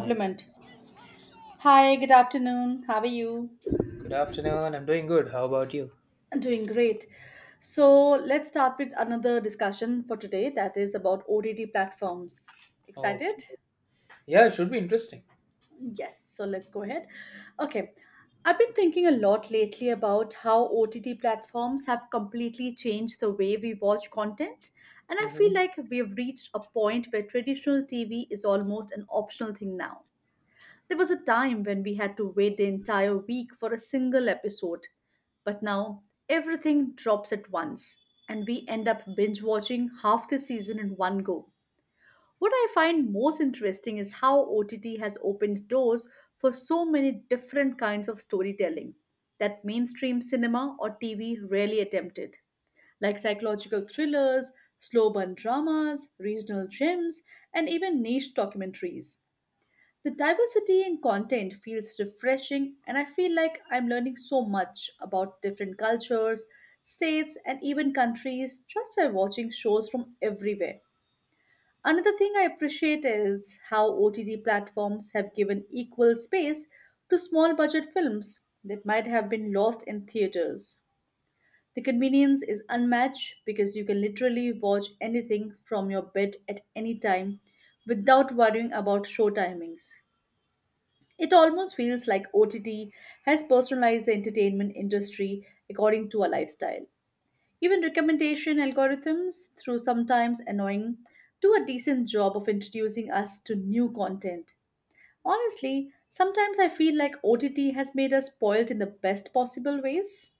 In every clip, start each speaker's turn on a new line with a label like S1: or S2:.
S1: Nice.
S2: Compliment. Hi, good afternoon. How are you?
S1: Good afternoon. I'm doing good. How about you?
S2: I'm doing great. So, let's start with another discussion for today that is about OTT platforms.
S1: Okay.
S2: Excited?
S1: Yeah, it should be interesting.
S2: Yes. So, let's go ahead. Okay. I've been thinking a lot lately about how OTT platforms have completely changed the way we watch content. And I feel
S1: Hmm.
S2: like we've reached a point where traditional TV is almost an optional thing now. There was a time when we had to wait the entire week for a single episode, but now everything drops at once and we end up binge watching half the season in one go. What I find most interesting is how OTT has opened doors for so many different kinds of storytelling that mainstream cinema or TV rarely attempted, like psychological thrillers, slow burn dramas, regional gems, and even niche documentaries. The diversity in content feels refreshing, and I feel like I'm learning so much about different cultures, states, and even countries just by watching shows from everywhere. Another thing I appreciate is how OTT platforms have given equal space to small budget films that might have been lost in theaters. The convenience is unmatched because you can literally watch anything from your bed at any time without worrying about show timings. It almost feels like OTT has personalized the entertainment industry according to our lifestyle. Even recommendation algorithms, through sometimes annoying, do a decent job of introducing us to new content. Honestly, sometimes I feel like OTT has made us spoiled in the best possible ways.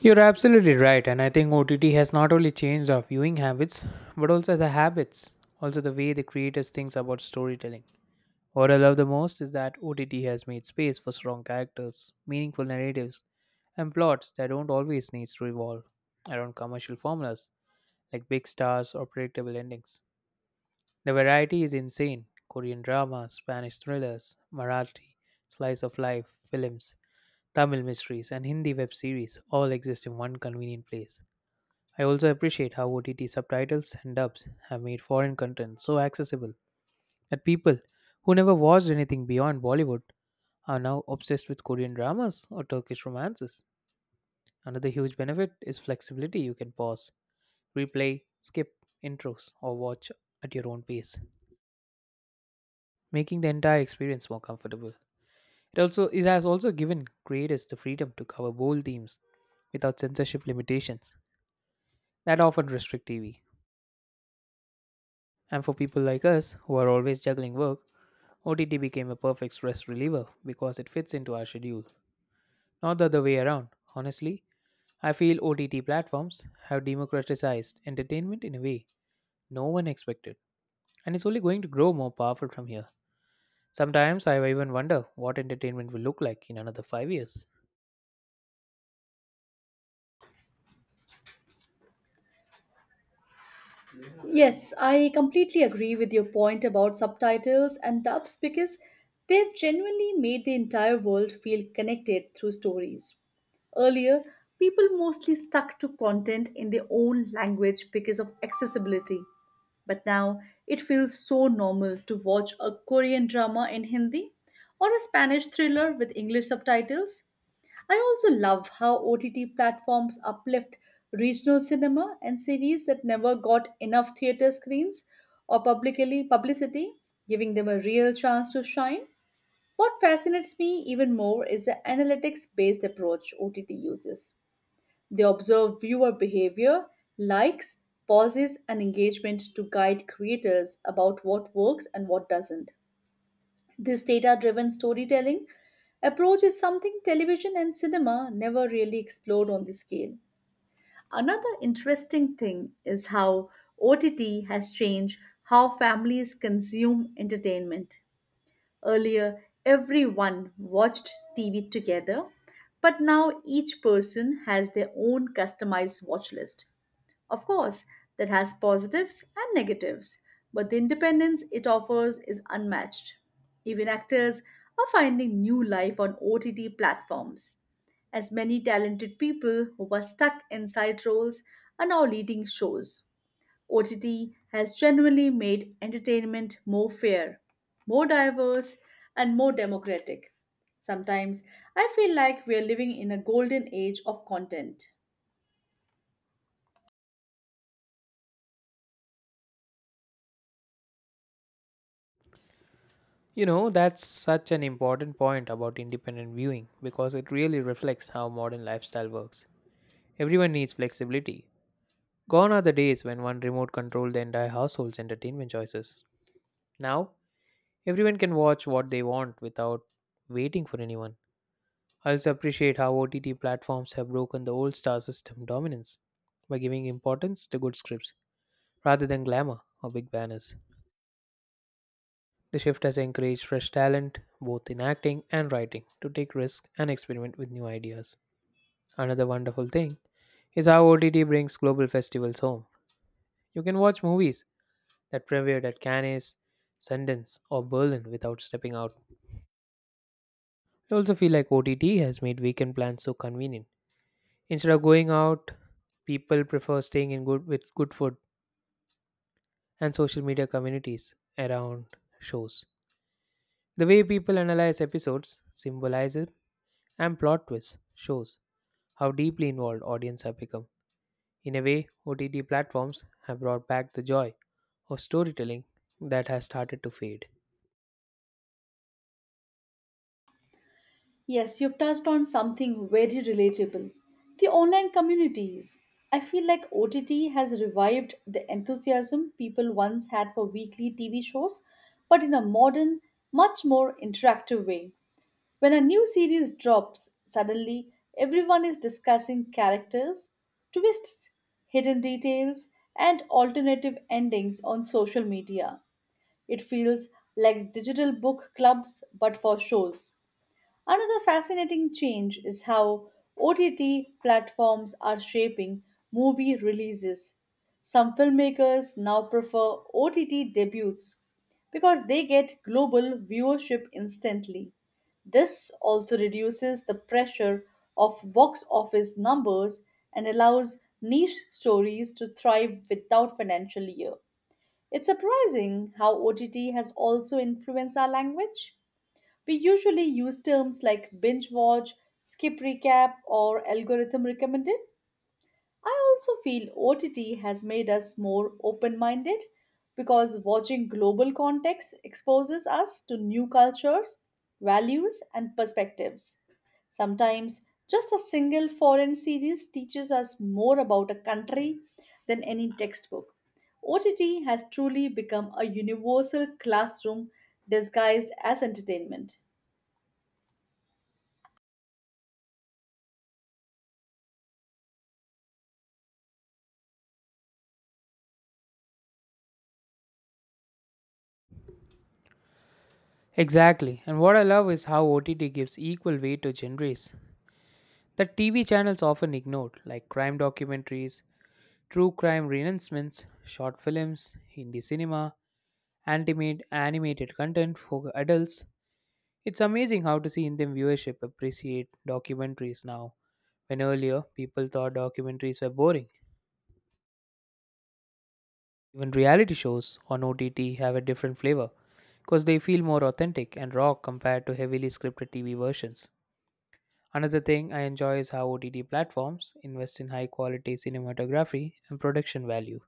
S1: You're absolutely right, and I think OTT has not only changed our viewing habits, but also the way the creators think about storytelling. What I love the most is that OTT has made space for strong characters, meaningful narratives, and plots that don't always need to revolve around commercial formulas like big stars or predictable endings. The variety is insane. Korean dramas, Spanish thrillers, Marathi, slice of life films, Tamil mysteries, and Hindi web series all exist in one convenient place. I also appreciate how OTT subtitles and dubs have made foreign content so accessible that people who never watched anything beyond Bollywood are now obsessed with Korean dramas or Turkish romances. Another huge benefit is flexibility. You can pause, replay, skip intros, or watch at your own pace, making the entire experience more comfortable. It has also given creators the freedom to cover bold themes without censorship limitations that often restrict TV. And for people like us who are always juggling work, OTT became a perfect stress reliever because it fits into our schedule, not the other way around. Honestly, I feel OTT platforms have democratized entertainment in a way no one expected, and it's only going to grow more powerful from here. Sometimes I even wonder what entertainment will look like in another 5 years.
S2: Yes, I completely agree with your point about subtitles and dubs because they've genuinely made the entire world feel connected through stories. Earlier, people mostly stuck to content in their own language because of accessibility, but now it feels so normal to watch a Korean drama in Hindi or a Spanish thriller with English subtitles. I also love how OTT platforms uplift regional cinema and series that never got enough theater screens or publicly publicity, giving them a real chance to shine. What fascinates me even more is the analytics based approach OTT uses. They observe viewer behavior, likes, pauses, and engagement to guide creators about what works and what doesn't. This data driven storytelling approach is something television and cinema never really explored on this scale. Another interesting thing is how OTT has changed how families consume entertainment. Earlier, everyone watched TV together, but now each person has their own customized watch list. Of course, that has positives and negatives, but the independence it offers is unmatched. Even actors are finding new life on OTT platforms, as many talented people who were stuck in side roles are now leading shows. OTT has genuinely made entertainment more fair, more diverse, and more democratic. Sometimes I feel like we are living in a golden age of content.
S1: You know, that's such an important point about independent viewing because it really reflects how modern lifestyle works. Everyone needs flexibility. Gone are the days when one remote controlled the entire household's entertainment choices. Now, everyone can watch what they want without waiting for anyone. I also appreciate how OTT platforms have broken the old star system dominance by giving importance to good scripts rather than glamour or big banners. The shift has encouraged fresh talent, both in acting and writing, to take risks and experiment with new ideas. Another wonderful thing is how OTT brings global festivals home. You can watch movies that premiered at Cannes, Sundance, or Berlin without stepping out. I also feel like OTT has made weekend plans so convenient. Instead of going out, people prefer staying in good with good food and social media communities around shows. The way people analyze episodes, symbolism, and plot twists shows how deeply involved audience have become. In a way, OTT platforms have brought back the joy of storytelling that has started to fade.
S2: Yes, you've touched on something very relatable, the online communities. I feel like OTT has revived the enthusiasm people once had for weekly TV shows, but in a modern, much more interactive way. When a new series drops, suddenly everyone is discussing characters, twists, hidden details, and alternative endings on social media. It feels like digital book clubs but for shows. Another fascinating change is how OTT platforms are shaping movie releases. Some filmmakers now prefer OTT debuts because they get global viewership instantly. This also reduces the pressure of box office numbers and allows niche stories to thrive without financial year. It's surprising how OTT has also influenced our language. We usually use terms like binge watch, skip recap, or algorithm recommended. I also feel OTT has made us more open minded because watching global context exposes us to new cultures, values, and perspectives. Sometimes just a single foreign series teaches us more about a country than any textbook. OTT has truly become a universal classroom disguised as entertainment.
S1: Exactly. And what I love is how OTT gives equal weight to genres that TV channels often ignored, like crime documentaries, true crime renouncements, short films, Hindi cinema, animated content for adults. It's amazing how to see Indian viewership appreciate documentaries now, when earlier people thought documentaries were boring. Even reality shows on OTT have a different flavor because they feel more authentic and raw compared to heavily scripted TV versions. Another thing I enjoy is how OTT platforms invest in high quality cinematography and production value.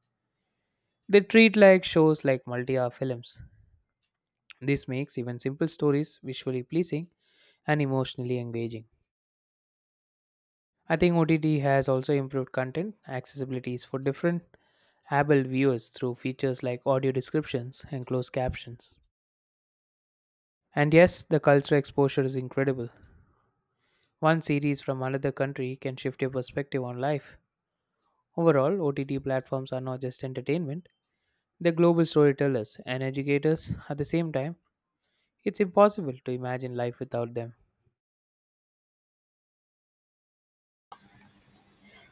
S1: They treat like shows like multi-hour films. This makes even simple stories visually pleasing and emotionally engaging. I think OTT has also improved content accessibilities for different able viewers through features like audio descriptions and closed captions. And yes, the cultural exposure is incredible. One series from another country can shift your perspective on life. Overall, OTT platforms are not just entertainment, they're global storytellers and educators at the same time. It's impossible to imagine life without them.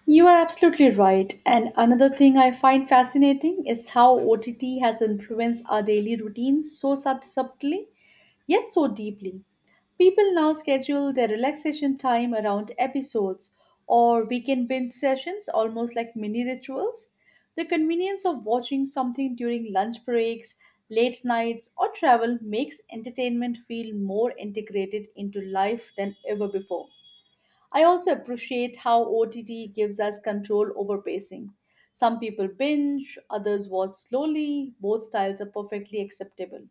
S2: You are absolutely right. And another thing I find fascinating is how OTT has influenced our daily routines so subtly, yet so deeply. People now schedule their relaxation time around episodes or weekend binge sessions, almost like mini rituals. The convenience of watching something during lunch breaks, late nights, or travel makes entertainment feel more integrated into life than ever before. I also appreciate how OTT gives us control over pacing. Some people binge, others watch slowly, both styles are perfectly acceptable.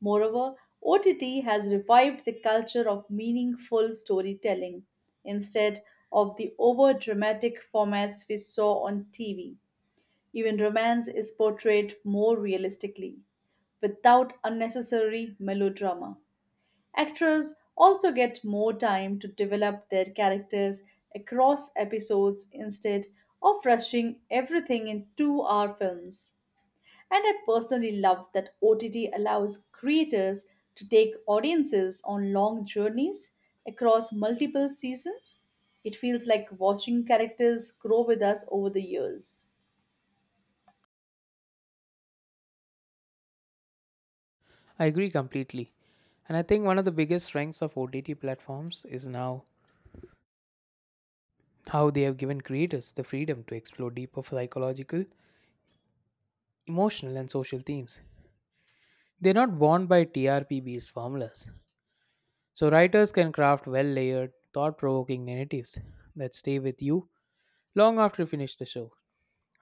S2: Moreover, OTT has revived the culture of meaningful storytelling instead of the over dramatic formats we saw on TV. Even romance is portrayed more realistically without unnecessary melodrama. Actors also get more time to develop their characters across episodes instead of rushing everything in 2-hour films. And I personally love that OTT allows creators to take audiences on long journeys across multiple seasons. It feels like watching characters grow with us over the years.
S1: I agree completely. And I think one of the biggest strengths of OTT platforms is now how they have given creators the freedom to explore deeper psychological, emotional, and social themes. They're not bound by TRP based formulas. So, writers can craft well layered, thought provoking narratives that stay with you long after you finish the show.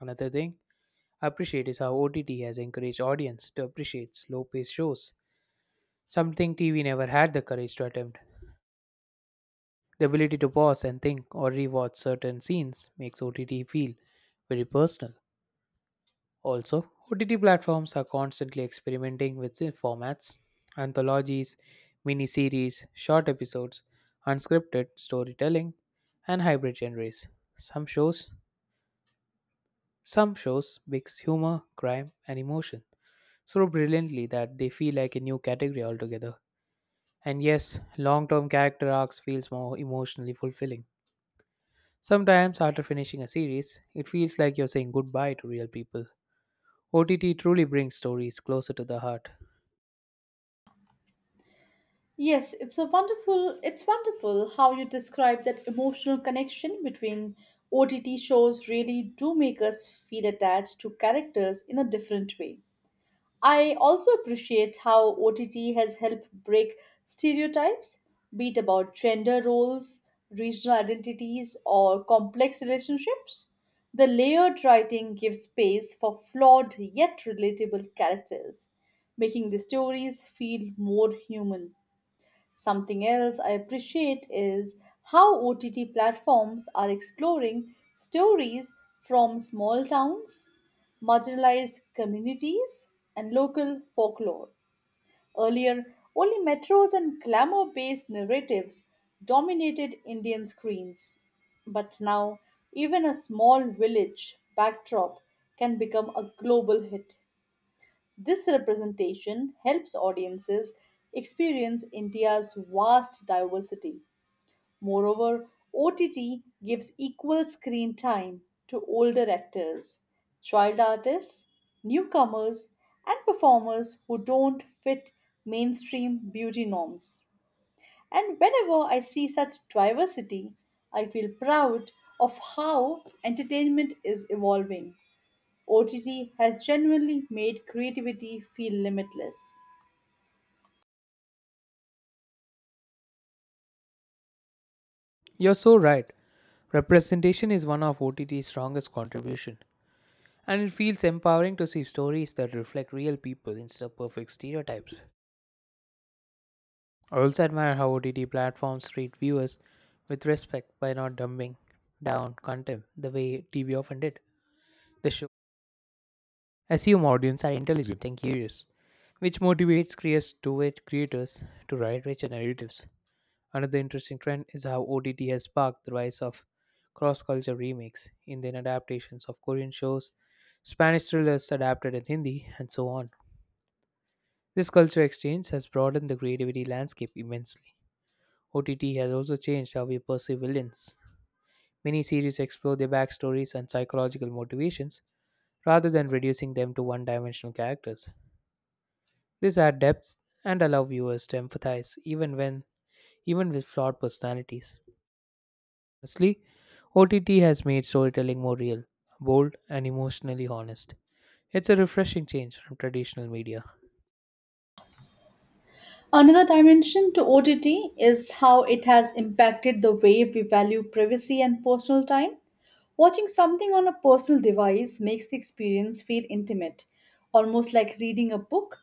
S1: Another thing I appreciate is how OTT has encouraged audience to appreciate slow paced shows, something TV never had the courage to attempt. The ability to pause and think or rewatch certain scenes makes OTT feel very personal. Also, OTT platforms are constantly experimenting with the formats, anthologies, miniseries, short episodes, unscripted storytelling, and hybrid genres. Some shows, some shows mix humor, crime, and emotion so brilliantly that they feel like a new category altogether. And yes, long-term character arcs feels more emotionally fulfilling. Sometimes after finishing a series, it feels like you're saying goodbye to real people. OTT truly brings stories closer to the heart.
S2: Yes, it's wonderful how you describe that emotional connection between OTT shows. Really do make us feel attached to characters in a different way. I also appreciate how OTT has helped break stereotypes, be it about gender roles, regional identities, or complex relationships. The layered writing gives space for flawed yet relatable characters, making the stories feel more human. Something else I appreciate is how OTT platforms are exploring stories from small towns, marginalized communities, and local folklore. Earlier, only metros and glamour based narratives dominated Indian screens. But now, even a small village backdrop can become a global hit. This representation helps audiences experience India's vast diversity. Moreover, OTT gives equal screen time to older actors, child artists, newcomers, and performers who don't fit mainstream beauty norms. And whenever I see such diversity, I feel proud of how entertainment is evolving. OTT has genuinely made creativity feel limitless.
S1: You're so right. Representation is one of OTT's strongest contribution, and it feels empowering to see stories that reflect real people instead of perfect stereotypes. I also admire how OTT platforms treat viewers with respect by not dumbing down content the way TV often did. The show assume audience are intelligent and curious, which motivates creators to write richer narratives. Another interesting trend is how OTT has sparked the rise of cross culture remakes, Indian adaptations of Korean shows, Spanish thrillers adapted in Hindi, and so on. This culture exchange has broadened the creativity landscape immensely. OTT has also changed how we perceive villains. Many series explore their backstories and psychological motivations rather than reducing them to one dimensional characters. These add depth and allow viewers to empathize even with flawed personalities. Honestly, OTT has made storytelling more real, bold, and emotionally honest. It's a refreshing change from traditional media.
S2: Another dimension to OTT is how it has impacted the way we value privacy and personal time. Watching something on a personal device makes the experience feel intimate, almost like reading a book.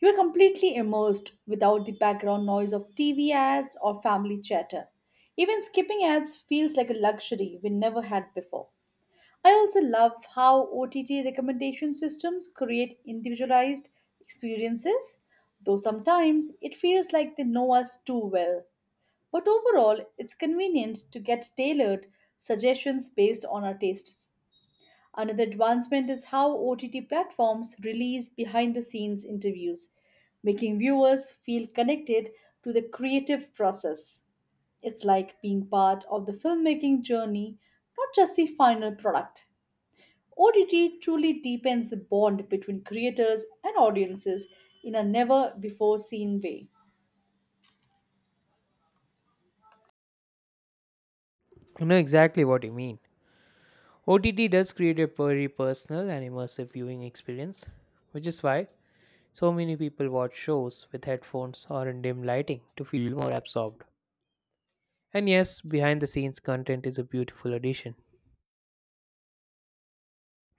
S2: You are completely immersed without the background noise of TV ads or family chatter. Even skipping ads feels like a luxury we never had before. I also love how OTT recommendation systems create individualized experiences, though sometimes it feels like they know us too well. But overall, it's convenient to get tailored suggestions based on our tastes. Another advancement is how OTT platforms release behind the scenes interviews, making viewers feel connected to the creative process. It's like being part of the filmmaking journey, not just the final product. OTT truly deepens the bond between creators and audiences in a never before seen way.
S1: I know exactly what you mean. OTT does create a very personal and immersive viewing experience, which is why so many people watch shows with headphones or in dim lighting to feel more absorbed. And yes, behind the scenes content is a beautiful addition.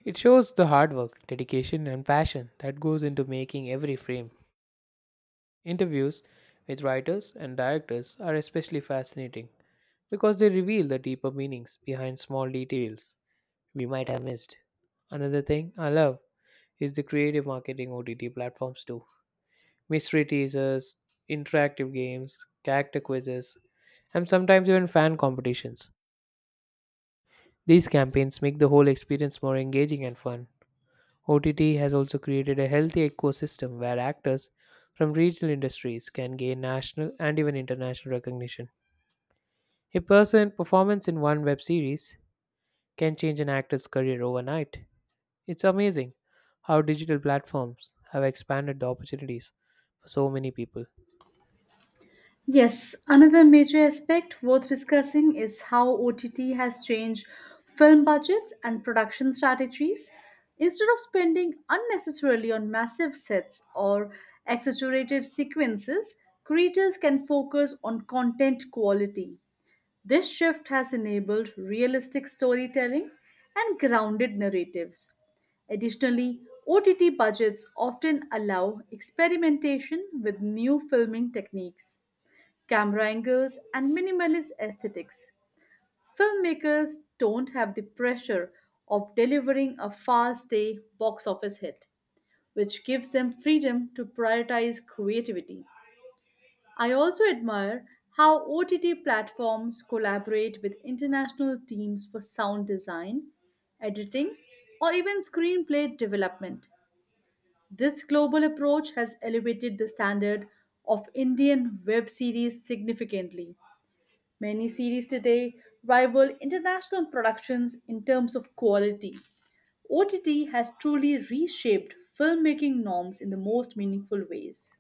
S1: It shows the hard work, dedication, and passion that goes into making every frame. Interviews with writers and directors are especially fascinating because they reveal the deeper meanings behind small details we might have missed. Another thing I love is the creative marketing OTT platforms too. Mystery teasers, interactive games, character quizzes, and sometimes even fan competitions. These campaigns make the whole experience more engaging and fun. OTT has also created a healthy ecosystem where actors from regional industries can gain national and even international recognition. A person performance in one web series can change an actor's career overnight. It's amazing how digital platforms have expanded the opportunities for so many people.
S2: Yes, another major aspect worth discussing is how OTT has changed film budgets and production strategies. Instead of spending unnecessarily on massive sets or exaggerated sequences, creators can focus on content quality. This shift has enabled realistic storytelling and grounded narratives. Additionally, OTT budgets often allow experimentation with new filming techniques, camera angles, and minimalist aesthetics. Filmmakers don't have the pressure of delivering a fast day box office hit, which gives them freedom to prioritize creativity. I also admire how OTT platforms collaborate with international teams for sound design, editing, or even screenplay development. This global approach has elevated the standard of Indian web series significantly. Many series today rival international productions in terms of quality. OTT has truly reshaped filmmaking norms in the most meaningful ways.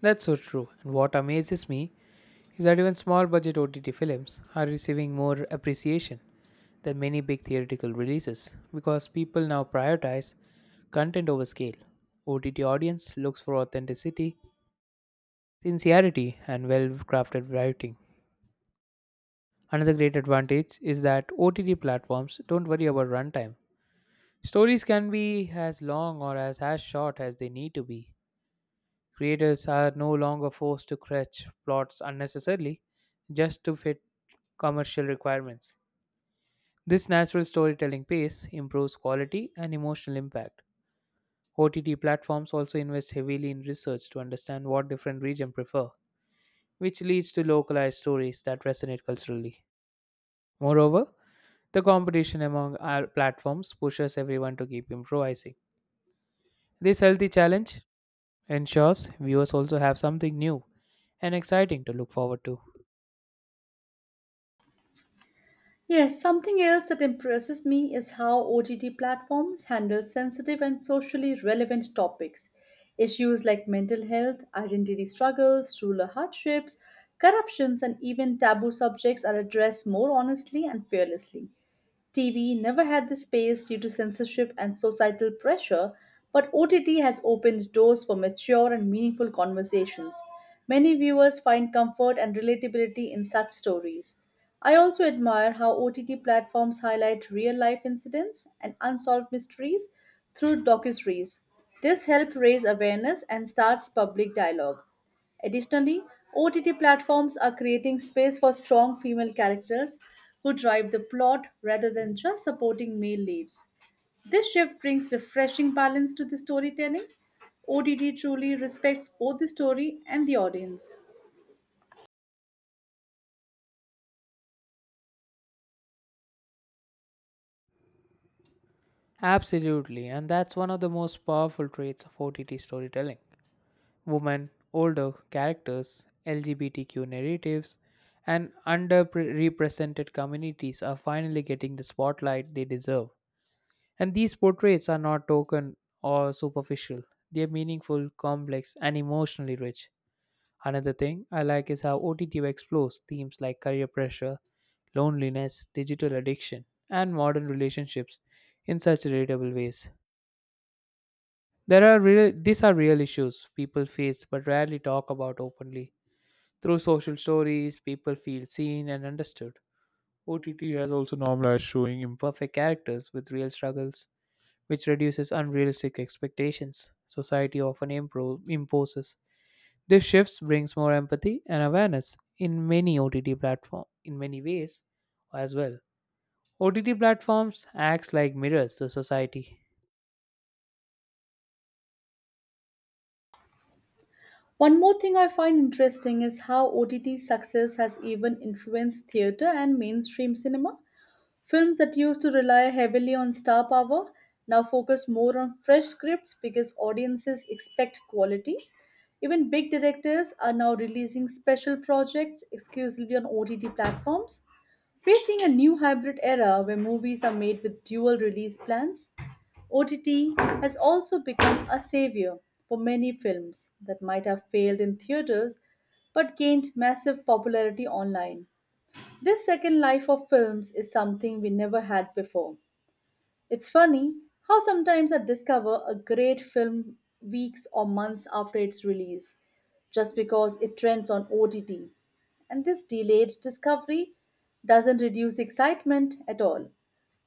S1: That's so true. And what amazes me is that even small budget OTT films are receiving more appreciation than many big theatrical releases because people now prioritize content over scale. OTT audience looks for authenticity, sincerity, and well crafted writing. Another great advantage is that OTT platforms don't worry about runtime. Stories can be as long or as short as they need to be. Creators are no longer forced to stretch plots unnecessarily just to fit commercial requirements. This natural storytelling pace improves quality and emotional impact. OTT platforms also invest heavily in research to understand what different regions prefer, which leads to localized stories that resonate culturally. Moreover, the competition among our platforms pushes everyone to keep improvising. This healthy challenge ensures viewers also have something new and exciting to look forward to.
S2: Yes, something else that impresses me is how OTT platforms handle sensitive and socially relevant topics. Issues like mental health, identity struggles, rural hardships, corruptions, and even taboo subjects are addressed more honestly and fearlessly. TV never had the space due to censorship and societal pressure, but OTT has opened doors for mature and meaningful conversations. Many viewers find comfort and relatability in such stories. I also admire how OTT platforms highlight real life incidents and unsolved mysteries through docuseries. This helps raise awareness and starts public dialogue. Additionally, OTT platforms are creating space for strong female characters who drive the plot rather than just supporting male leads. This shift brings refreshing balance to the storytelling. OTT truly respects both the story and the audience.
S1: Absolutely, and that's one of the most powerful traits of OTT storytelling. Women, older characters, LGBTQ narratives, and underrepresented communities are finally getting the spotlight they deserve. And these portraits are not token or superficial, they are meaningful, complex, and emotionally rich. Another thing I like is how OTT explores themes like career pressure, loneliness, digital addiction, and modern relationships in such relatable ways. These are real issues people face but rarely talk about openly. Through social stories, people feel seen and understood. OTT has also normalized showing imperfect characters with real struggles, which reduces unrealistic expectations society often imposes. This shift brings more empathy and awareness in many OTT platforms, in many ways as well. OTT platforms acts like mirrors to society.
S2: One more thing I find interesting is how OTT success has even influenced theater and mainstream cinema. Films that used to rely heavily on star power now focus more on fresh scripts because audiences expect quality. Even big directors are now releasing special projects exclusively on OTT platforms. We're seeing a new hybrid era where movies are made with dual release plans. OTT has also become a savior for many films that might have failed in theaters but gained massive popularity online. This second life of films is something we never had before. It's funny how sometimes I discover a great film weeks or months after its release just because it trends on OTT. And this delayed discovery doesn't reduce excitement at all.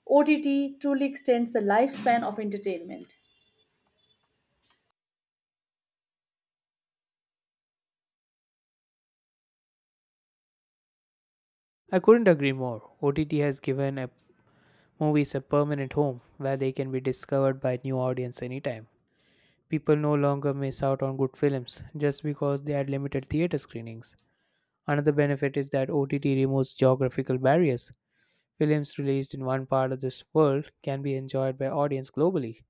S2: OTT truly extends the lifespan of entertainment.
S1: I couldn't agree more. OTT has given movies a permanent home where they can be discovered by new audience anytime. People no longer miss out on good films just because they had limited theater screenings. Another benefit is that OTT removes geographical barriers. Films released in one part of this world can be enjoyed by audience globally.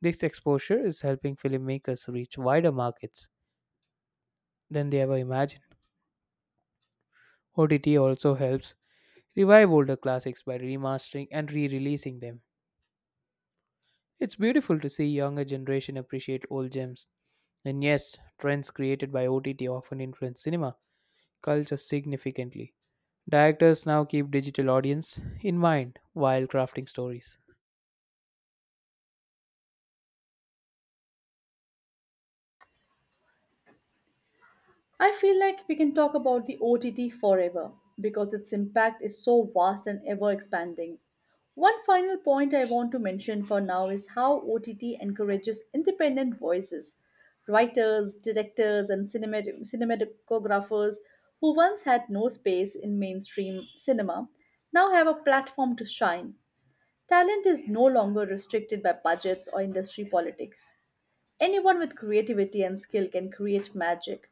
S1: This exposure is helping filmmakers reach wider markets than they ever imagined. OTT also helps revive older classics by remastering and re releasing them. It's beautiful to see younger generation appreciate old gems. And yes, trends created by OTT often influence cinema culture significantly. Directors now keep digital audience in mind while crafting stories.
S2: I feel like we can talk about the OTT forever because its impact is so vast and ever expanding. One final point I want to mention for now is how OTT encourages independent voices, writers, directors, and cinematographers who once had no space in mainstream cinema now have a platform to shine. Talent is no longer restricted by budgets or industry politics. Anyone with creativity and skill can create magic.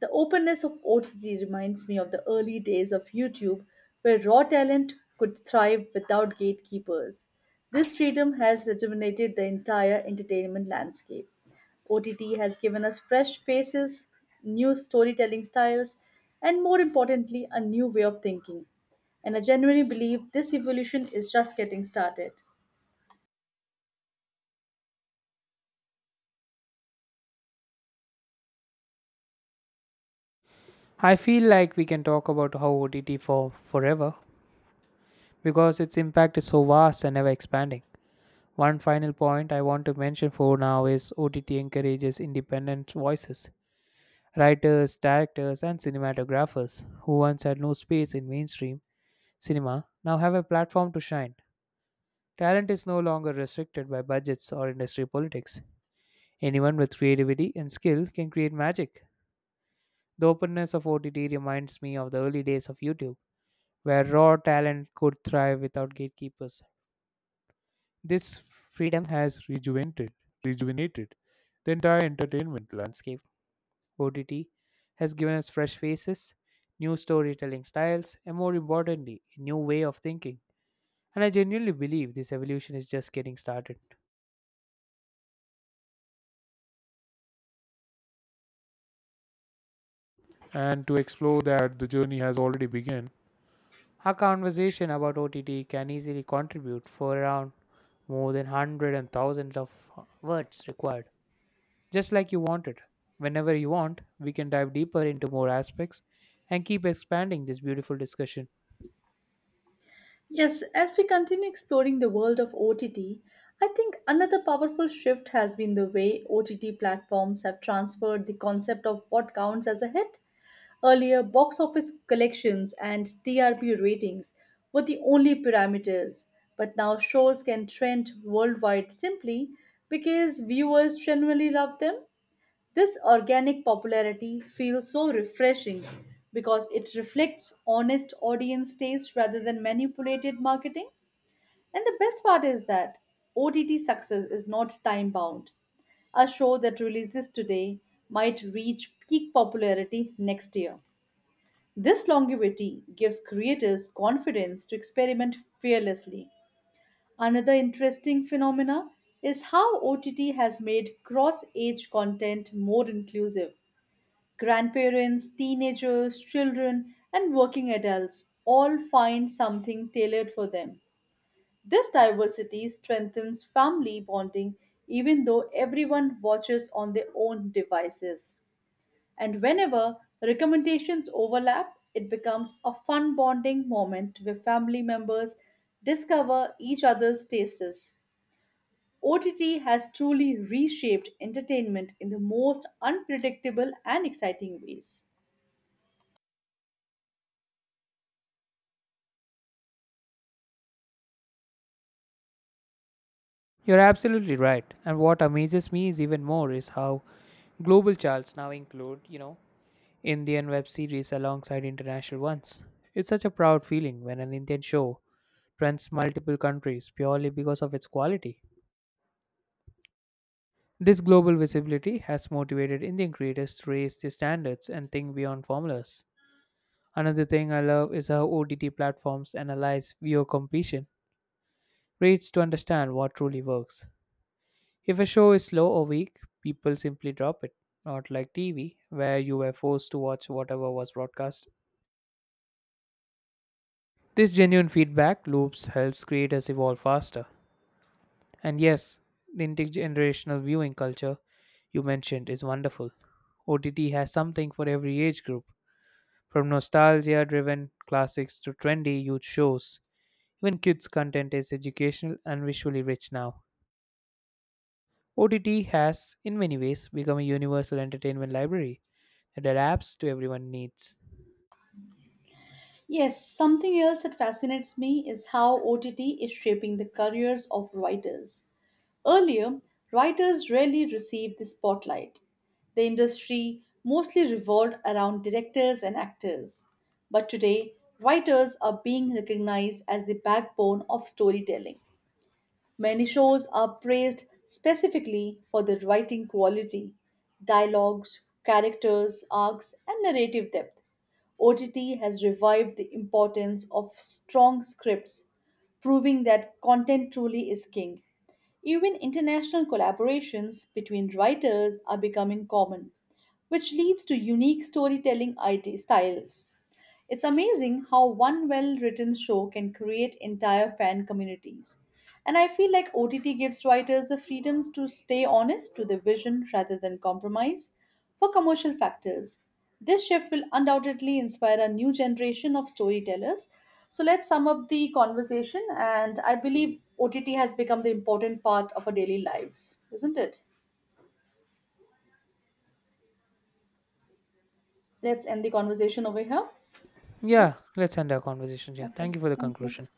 S2: The openness of OTT reminds me of the early days of YouTube, where raw talent could thrive without gatekeepers. This freedom has rejuvenated the entire entertainment landscape. OTT has given us fresh faces, new storytelling styles, and more importantly, a new way of thinking. And I genuinely believe this evolution is just getting started.
S1: I feel like we can talk about how OTT forever because its impact is so vast and ever expanding. One final point I want to mention for now is OTT encourages independent voices, writers, directors, and cinematographers who once had no space in mainstream cinema now have a platform to shine. Talent is no longer restricted by budgets or industry politics. Anyone with creativity and skill can create magic. The openness of OTT reminds me of the early days of YouTube, where raw talent could thrive without gatekeepers. This freedom has rejuvenated the entire entertainment landscape. OTT has given us fresh faces, new storytelling styles, and more importantly, a new way of thinking. And I genuinely believe this evolution is just getting started. And to explore that, the journey has already begun. Our conversation about OTT can easily contribute for around more than hundred and thousands of words required, just like you wanted. Whenever you want, we can dive deeper into more aspects and keep expanding this beautiful discussion.
S2: Yes, as we continue exploring the world of OTT, I think another powerful shift has been the way OTT platforms have transferred the concept of what counts as a hit. Earlier, box office collections and TRP ratings were the only parameters, but now shows can trend worldwide simply because viewers genuinely love them. This organic popularity feels so refreshing because it reflects honest audience taste rather than manipulated marketing. And the best part is that OTT success is not time bound. A show that releases today might reach peak popularity next year. This longevity gives creators confidence to experiment fearlessly. Another interesting phenomena is how OTT has made cross age content more inclusive. Grandparents, teenagers, children, and working adults all find something tailored for them. This diversity strengthens family bonding even though everyone watches on their own devices. And whenever recommendations overlap, it becomes a fun bonding moment where family members discover each other's tastes. OTT has truly reshaped entertainment in the most unpredictable and exciting ways.
S1: You're absolutely right. And what amazes me is even more is how global charts now include, you know, Indian web series alongside international ones. It's such a proud feeling when an Indian show trends multiple countries purely because of its quality. This global visibility has motivated Indian creators to raise their standards and think beyond formulas. Another thing I love is how OTT platforms analyze viewer completion rates to understand what truly works. If a show is slow or weak, people simply drop it, not like TV, where you were forced to watch whatever was broadcast. This genuine feedback loops helps creators evolve faster. And yes, the intergenerational viewing culture you mentioned is wonderful. OTT has something for every age group, from nostalgia driven classics to trendy youth shows. Even kids' content is educational and visually rich now. OTT has, in many ways, become a universal entertainment library that adapts to everyone's needs.
S2: Yes, something else that fascinates me is how OTT is shaping the careers of writers. Earlier, writers rarely received the spotlight. The industry mostly revolved around directors and actors. But today, writers are being recognized as the backbone of storytelling. Many shows are praised specifically for their writing quality, dialogues, characters, arcs, and narrative depth. OTT has revived the importance of strong scripts, proving that content truly is king. Even international collaborations between writers are becoming common, which leads to unique storytelling IT styles. It's amazing how one well written show can create entire fan communities. And I feel like OTT gives writers the freedoms to stay honest to their vision rather than compromise for commercial factors. This shift will undoubtedly inspire a new generation of storytellers. So let's sum up the conversation, and I believe OTT has become the important part of our daily lives, isn't it? Let's end the conversation over here. Yeah,
S1: Yeah, let's end our conversation here. Thank
S2: okay,
S1: you for the
S2: thank you.
S1: conclusion.